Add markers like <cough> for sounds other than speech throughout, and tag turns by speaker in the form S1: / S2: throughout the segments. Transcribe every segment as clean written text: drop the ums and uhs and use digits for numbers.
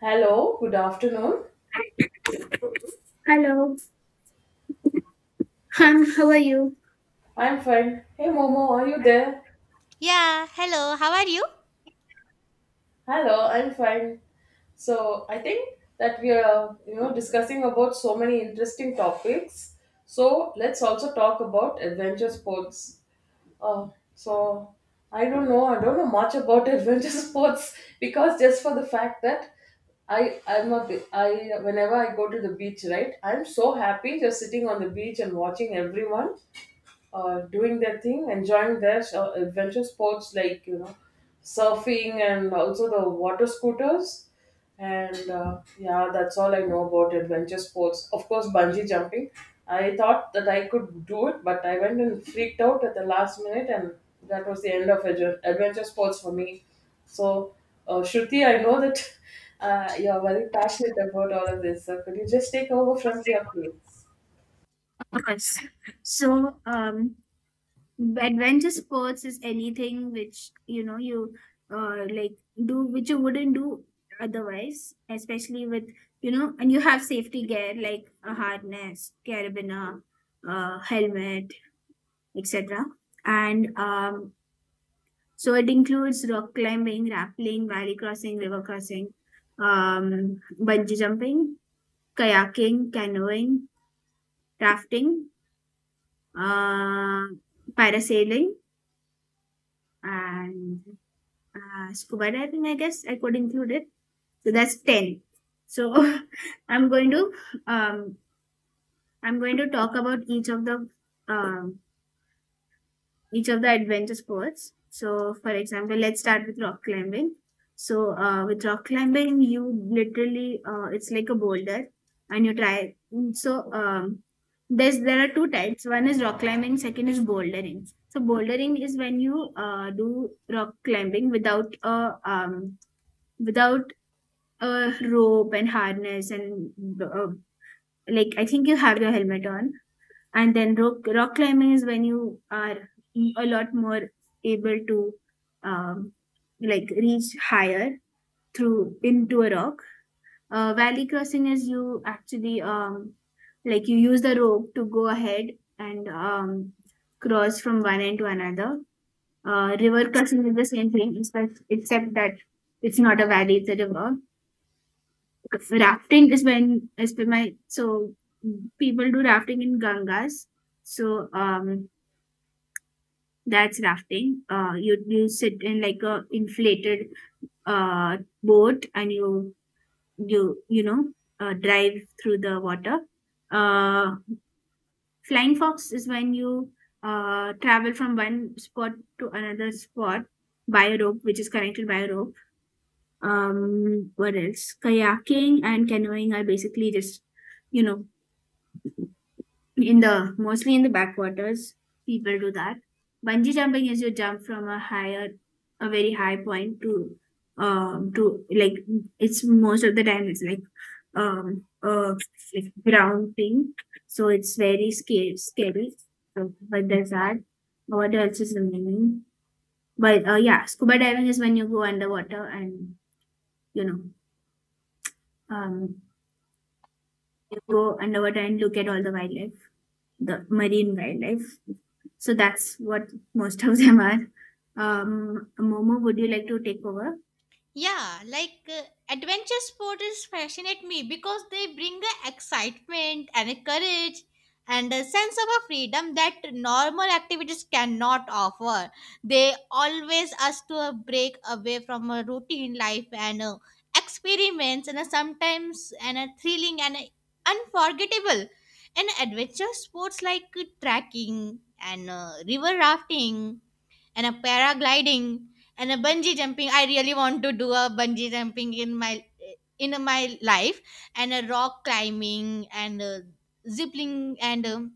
S1: Hello, good afternoon.
S2: Hello, Han, how are you?
S1: I'm fine. Hey Momo, are you there?
S3: Yeah, hello, how are you?
S1: Hello, I'm fine. So I think that we are, you know, discussing about so many interesting topics. So let's also talk about adventure sports. Uh, so I don't know much about <laughs> adventure sports because just for the fact that I whenever I go to the beach, right? I'm so happy just sitting on the beach and watching everyone doing their thing, enjoying their adventure sports, like, you know, surfing and also the water scooters. And yeah, that's all I know about adventure sports. Of course, bungee jumping. I thought that I could do it, but I went and freaked out at the last minute, and that was the end of adventure sports for me. So, Shruti, I know that <laughs> you're very passionate about all of this. So, could you just take over from here, please?
S2: Of course. So, adventure sports is anything which you like do which you wouldn't do otherwise, especially with and you have safety gear like a harness, carabiner, helmet, etc. And so it includes rock climbing, rappelling, valley crossing, river crossing, bungee jumping, kayaking, canoeing, rafting, uh, parasailing, and scuba diving. I guess I could include it. So that's ten. So <laughs> I'm going to um, I'm going to talk about each of the um, adventure sports. So, for example, let's start with rock climbing. So, with rock climbing, you literally it's like a boulder, and you try. So, there are two types. One is rock climbing, second is bouldering. So, bouldering is when you do rock climbing without a um, without a rope and harness and like I think you have your helmet on, and then rock climbing is when you are a lot more able to um, like reach higher through into a rock. Valley crossing is you actually like you use the rope to go ahead and cross from one end to another. River crossing is the same thing, except that it's not a valley, it's a river. Rafting is when my so people do rafting in Gangas. so um That's rafting. You sit in like a inflated boat, and you know drive through the water. Uh, Flying fox is when you travel from one spot to another spot by a rope, which is connected by a rope. What else? Kayaking and canoeing are basically just you know in the mostly in the backwaters people do that. Bungee jumping is you jump from a higher, a very high point to like it's most of the time it's um uh like ground thing, so it's very scary, so, but there's that. What else is remaining? But yeah, scuba diving is when you go underwater and you know um you go underwater and look at all the wildlife, the marine wildlife. So that's what most of them are. Momo, would you like to take over?
S3: Yeah, like adventure sport is fascinate me because they bring a excitement and a courage and a sense of a freedom that normal activities cannot offer. They always ask to a break away from a routine life and experiments and sometimes and a thrilling and a unforgettable. And adventure sports like trekking and river rafting and a paragliding and a bungee jumping. I really want to do a bungee jumping in my life, and a rock climbing and zipping and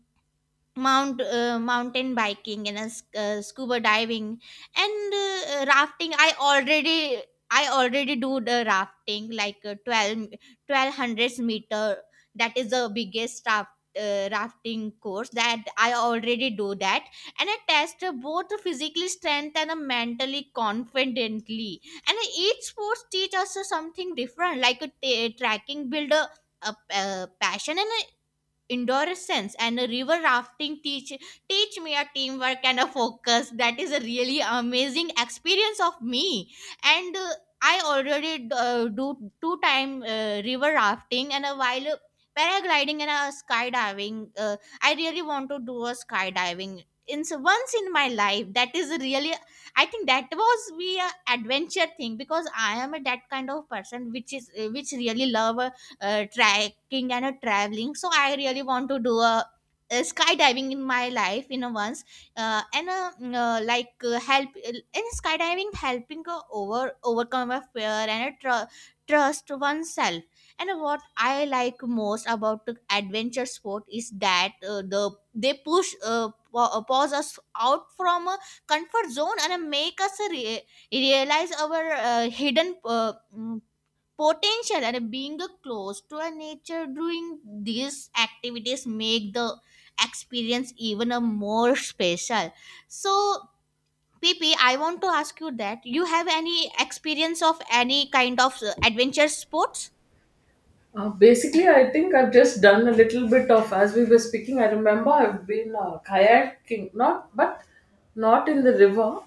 S3: mountain biking and scuba diving and rafting. I already do the rafting like 12 1200 meter. That is the biggest rafting course that I already do that. And I test both the physically strength and mentally confidently. And each sports teach us something different, like a tracking build a, passion and endurance. And a river rafting teach me a teamwork and a focus. That is a really amazing experience of me. And I already do two time river rafting. And a while paragliding and a skydiving, I really want to do a skydiving in once in my life. That is really, I think, that was be a adventure thing, because I am a that kind of person which is which really love trekking and a traveling. So I really want to do a skydiving in my life in a once. Like help in skydiving, helping overcome a fear and a trust oneself. And what I like most about the adventure sport is that they push pause us out from a comfort zone, and make us realize our hidden potential, and being close to a nature during these activities make the experience even a more special. So pp I want to ask you, that you have any experience of any kind of adventure sports?
S1: Basically, I think I've just done a little bit of, as we were speaking, I remember I've been kayaking, not, but not in the river,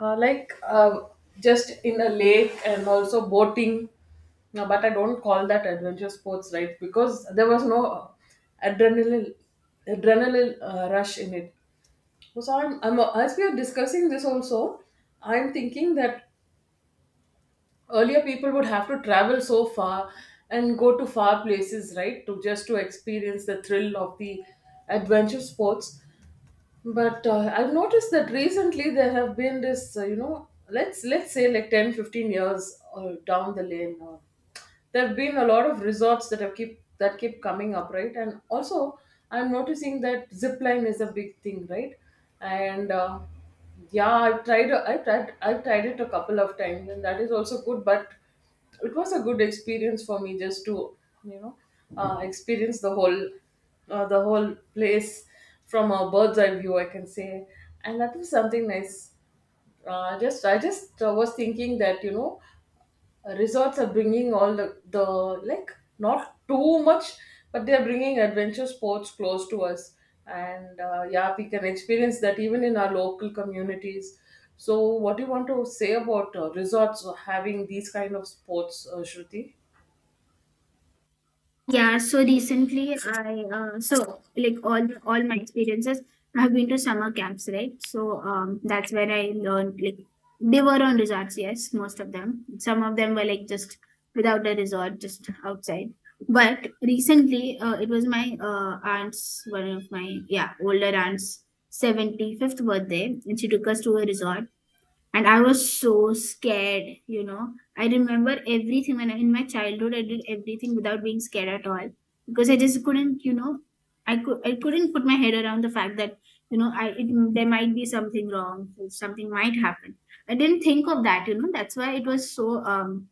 S1: uh, like uh, just in a lake and also boating. No, but I don't call that adventure sports, right? Because there was no adrenaline, adrenaline rush in it. So I'm, as we are discussing this also, I'm thinking that earlier people would have to travel so far and go to far places, right, to just to experience the thrill of the adventure sports. But I've noticed that recently there have been this, you know, let's say like 10-15 years down the lane. There have been a lot of resorts that have keep that keep coming up, right? And also I'm noticing that zip line is a big thing, right? And yeah, I've tried it a couple of times, and that is also good, but it was a good experience for me just to, you know, experience the whole place from a bird's eye view, I can say, and that was something nice. Uh, just i just uh, was thinking that, you know, resorts are bringing all the like, not too much, but they're bringing adventure sports close to us, and yeah, we can experience that even in our local communities. So what do you want to say about resorts having these kind of sports, Shruti?
S2: Yeah. So recently, I so like all my experiences, I have been to summer camps, right? That's where I learned, like, they were on resorts. Yes, most of them. Some of them were like just without a resort, just outside. But recently, it was my aunt's, one of my, yeah, older aunt's 75th birthday, and she took us to a resort, and I was so scared, you know. I remember everything when in my childhood I did everything without being scared at all, because I just couldn't, you know, I couldn't put my head around the fact that, you know, there might be something wrong, something might happen. I didn't think of that, you know. That's why it was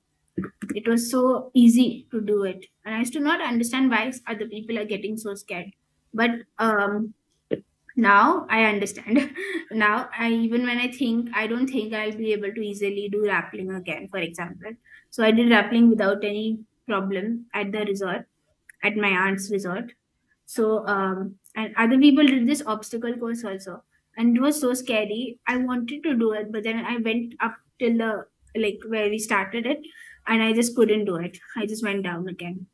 S2: it was so easy to do it, and I used to not understand why other people are getting so scared. But um now I understand. <laughs> Now, I even when I think, I don't think I'll be able to easily do rappelling again, for example. So I did rappelling without any problem at the resort, at my aunt's resort. And other people did this obstacle course also. And it was so scary. I wanted to do it, but then I went up till the, like, where we started it, and I just couldn't do it. I just went down again.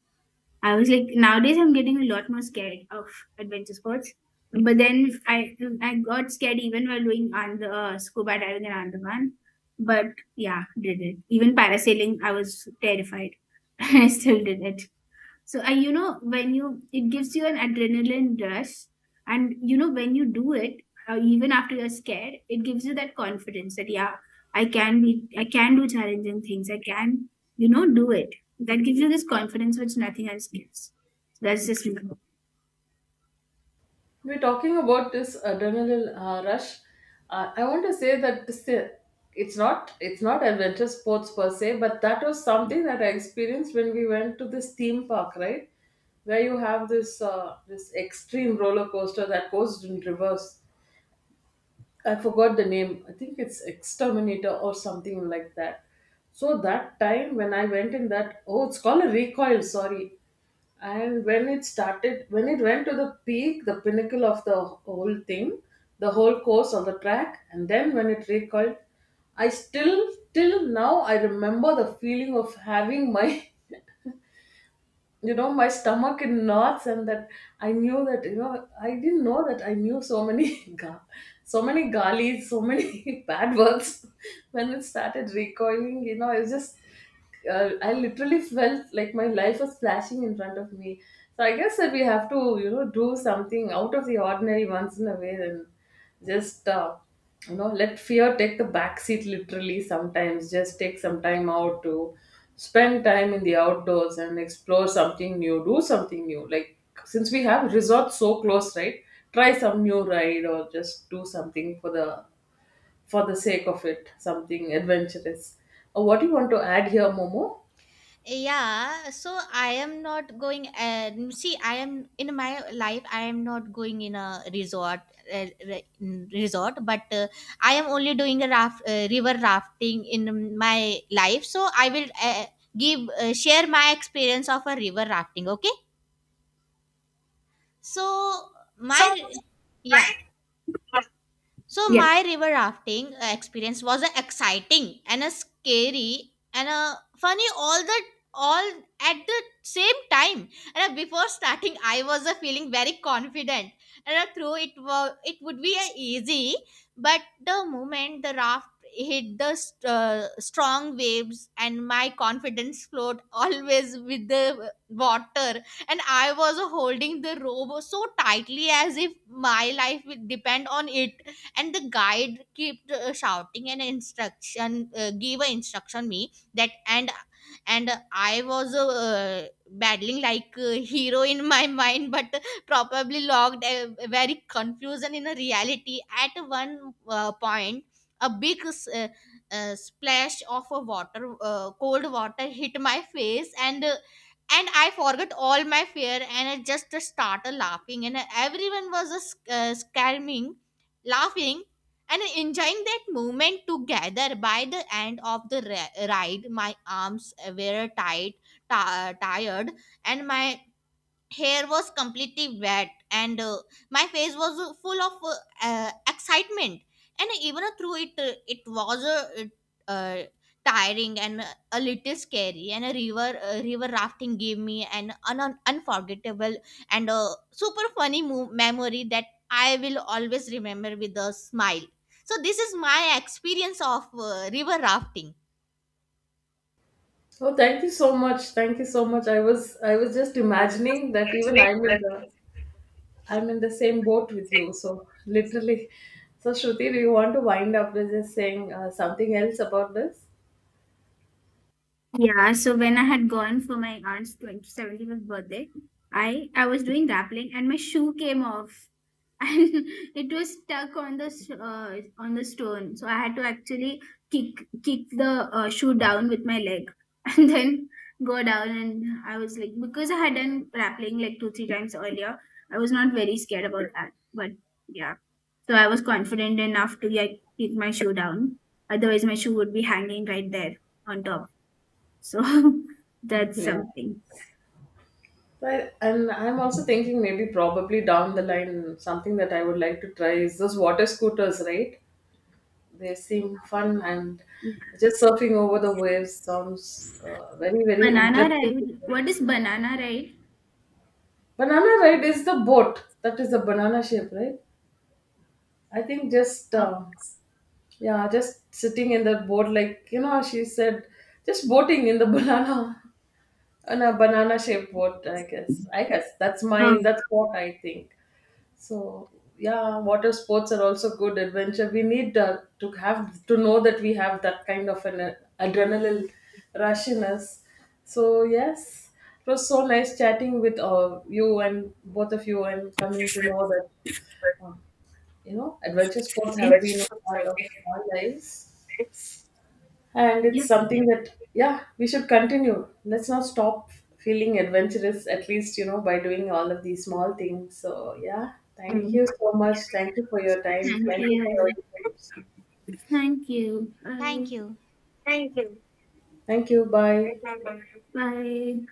S2: I was like, nowadays I'm getting a lot more scared of adventure sports. But then I got scared even while doing on the scuba diving in Andaman. But yeah, did it. Even parasailing, I was terrified. <laughs> I still did it. So, you know, when you, it gives you an adrenaline rush. And, you know, when you do it, even after you're scared, it gives you that confidence that, yeah, I can do challenging things. I can, you know, do it. That gives you this confidence which nothing else gives. So that's just me.
S1: We're talking about this adrenaline rush. I want to say that this, it's not, it's not adventure sports per se, but that was something that I experienced when we went to this theme park, right? Where you have this this extreme roller coaster that goes in reverse. I forgot the name. I think it's Exterminator or something like that. So that time when I went in that, oh, it's called a recoil. Sorry, and when it started, when it went to the peak, the pinnacle of the whole thing, the whole course of the track, and then when it recoiled, I still till now I remember the feeling of having my <laughs> you know, my stomach in knots. And that I knew that, you know, I didn't know that I knew so many <laughs> so many galis, so many <laughs> bad words. When it started recoiling, you know, I was just I literally felt like my life was flashing in front of me. So I guess that we have to, you know, do something out of the ordinary once in a way. Then just you know, let fear take the back seat, literally. Sometimes just take some time out to spend time in the outdoors and explore something new, do something new. Like, since we have resorts so close, right, try some new ride or just do something for the, for the sake of it, something adventurous. What do you want to add here, Momo?
S3: Yeah, so I am not going. See, I am in my life, I am not going in a resort, uh, re- resort, but I am only doing a river rafting in my life. So I will give share my experience of a river rafting. Okay, so my yeah, so
S2: Yeah.
S3: my river rafting experience was a exciting and a scary and a funny, all at the same time. And before starting, I was feeling very confident, and through it would be easy. But the moment the raft hit the strong waves, and my confidence flowed <laughs> always with the water, and I was holding the rope so tightly, as if my life will depend on it. And the guide kept shouting an instruction, gave a instruction me that, and I was battling like a hero in my <laughs> mind, but probably logged a very confusion in a reality. At one point, a big splash of a water cold water hit my face. And I forgot all my fear, and I just started laughing, and everyone was screaming, laughing, and enjoying that moment together. By the end of the ride, my arms were tired, and my hair was completely wet, and my face was full of excitement. And even through it it was uh, tiring and a little scary. And a river rafting gave me an unforgettable and super funny memory that I will always remember with a smile. So this is my experience of river rafting.
S1: Oh, thank you so much, thank you so much. I was just imagining that even I'm in the same boat with you. So literally, so Shruti, do you want to wind up with just saying something else about this?
S2: Yeah. So when I had gone for my aunt's 20 seventieth birthday, I was doing rappelling and my shoe came off, and <laughs> it was stuck on the stone, so I had to actually kick the shoe down with my leg, <laughs> and then go down. And I was like, because I had done rappelling like 2-3 times earlier, I was not very scared about that. But yeah, so I was confident enough to, like, kick my shoe down, otherwise my shoe would be hanging right there on top. So <laughs> that's
S1: Yeah.
S2: something.
S1: Right. And I'm also thinking maybe probably down the line, something that I would like to try is those water scooters, right? They seem fun, and
S2: Yeah.
S1: just surfing over the waves sounds very, very
S2: Banana
S1: interesting.
S2: ride. What is banana ride?
S1: Banana ride is the boat that is the banana shape, right? I think just.
S2: Oh,
S1: Yeah, just sitting in that boat, like, you know, she said, just boating in the <laughs> banana, on a banana shaped boat, I guess. I guess that's my,
S2: oh,
S1: that's what I think. So, yeah, water sports are also good adventure. We need, to have, to know that we have that kind of an adrenaline rush in us. So, yes, it was so nice chatting with you and both of you and coming to know that, uh, you know, adventure sports have been a
S2: okay.
S1: part of our lives. And it's something that, yeah, we should continue. Let's not stop feeling adventurous, at least, you know, by doing all of these small things. So, yeah, thank you so much. Thank you for your time.
S2: Thank
S1: Thank you for your
S2: you.
S1: inputs.
S2: Thank you. Bye.
S3: Thank you.
S1: Thank you. Bye.
S2: Bye.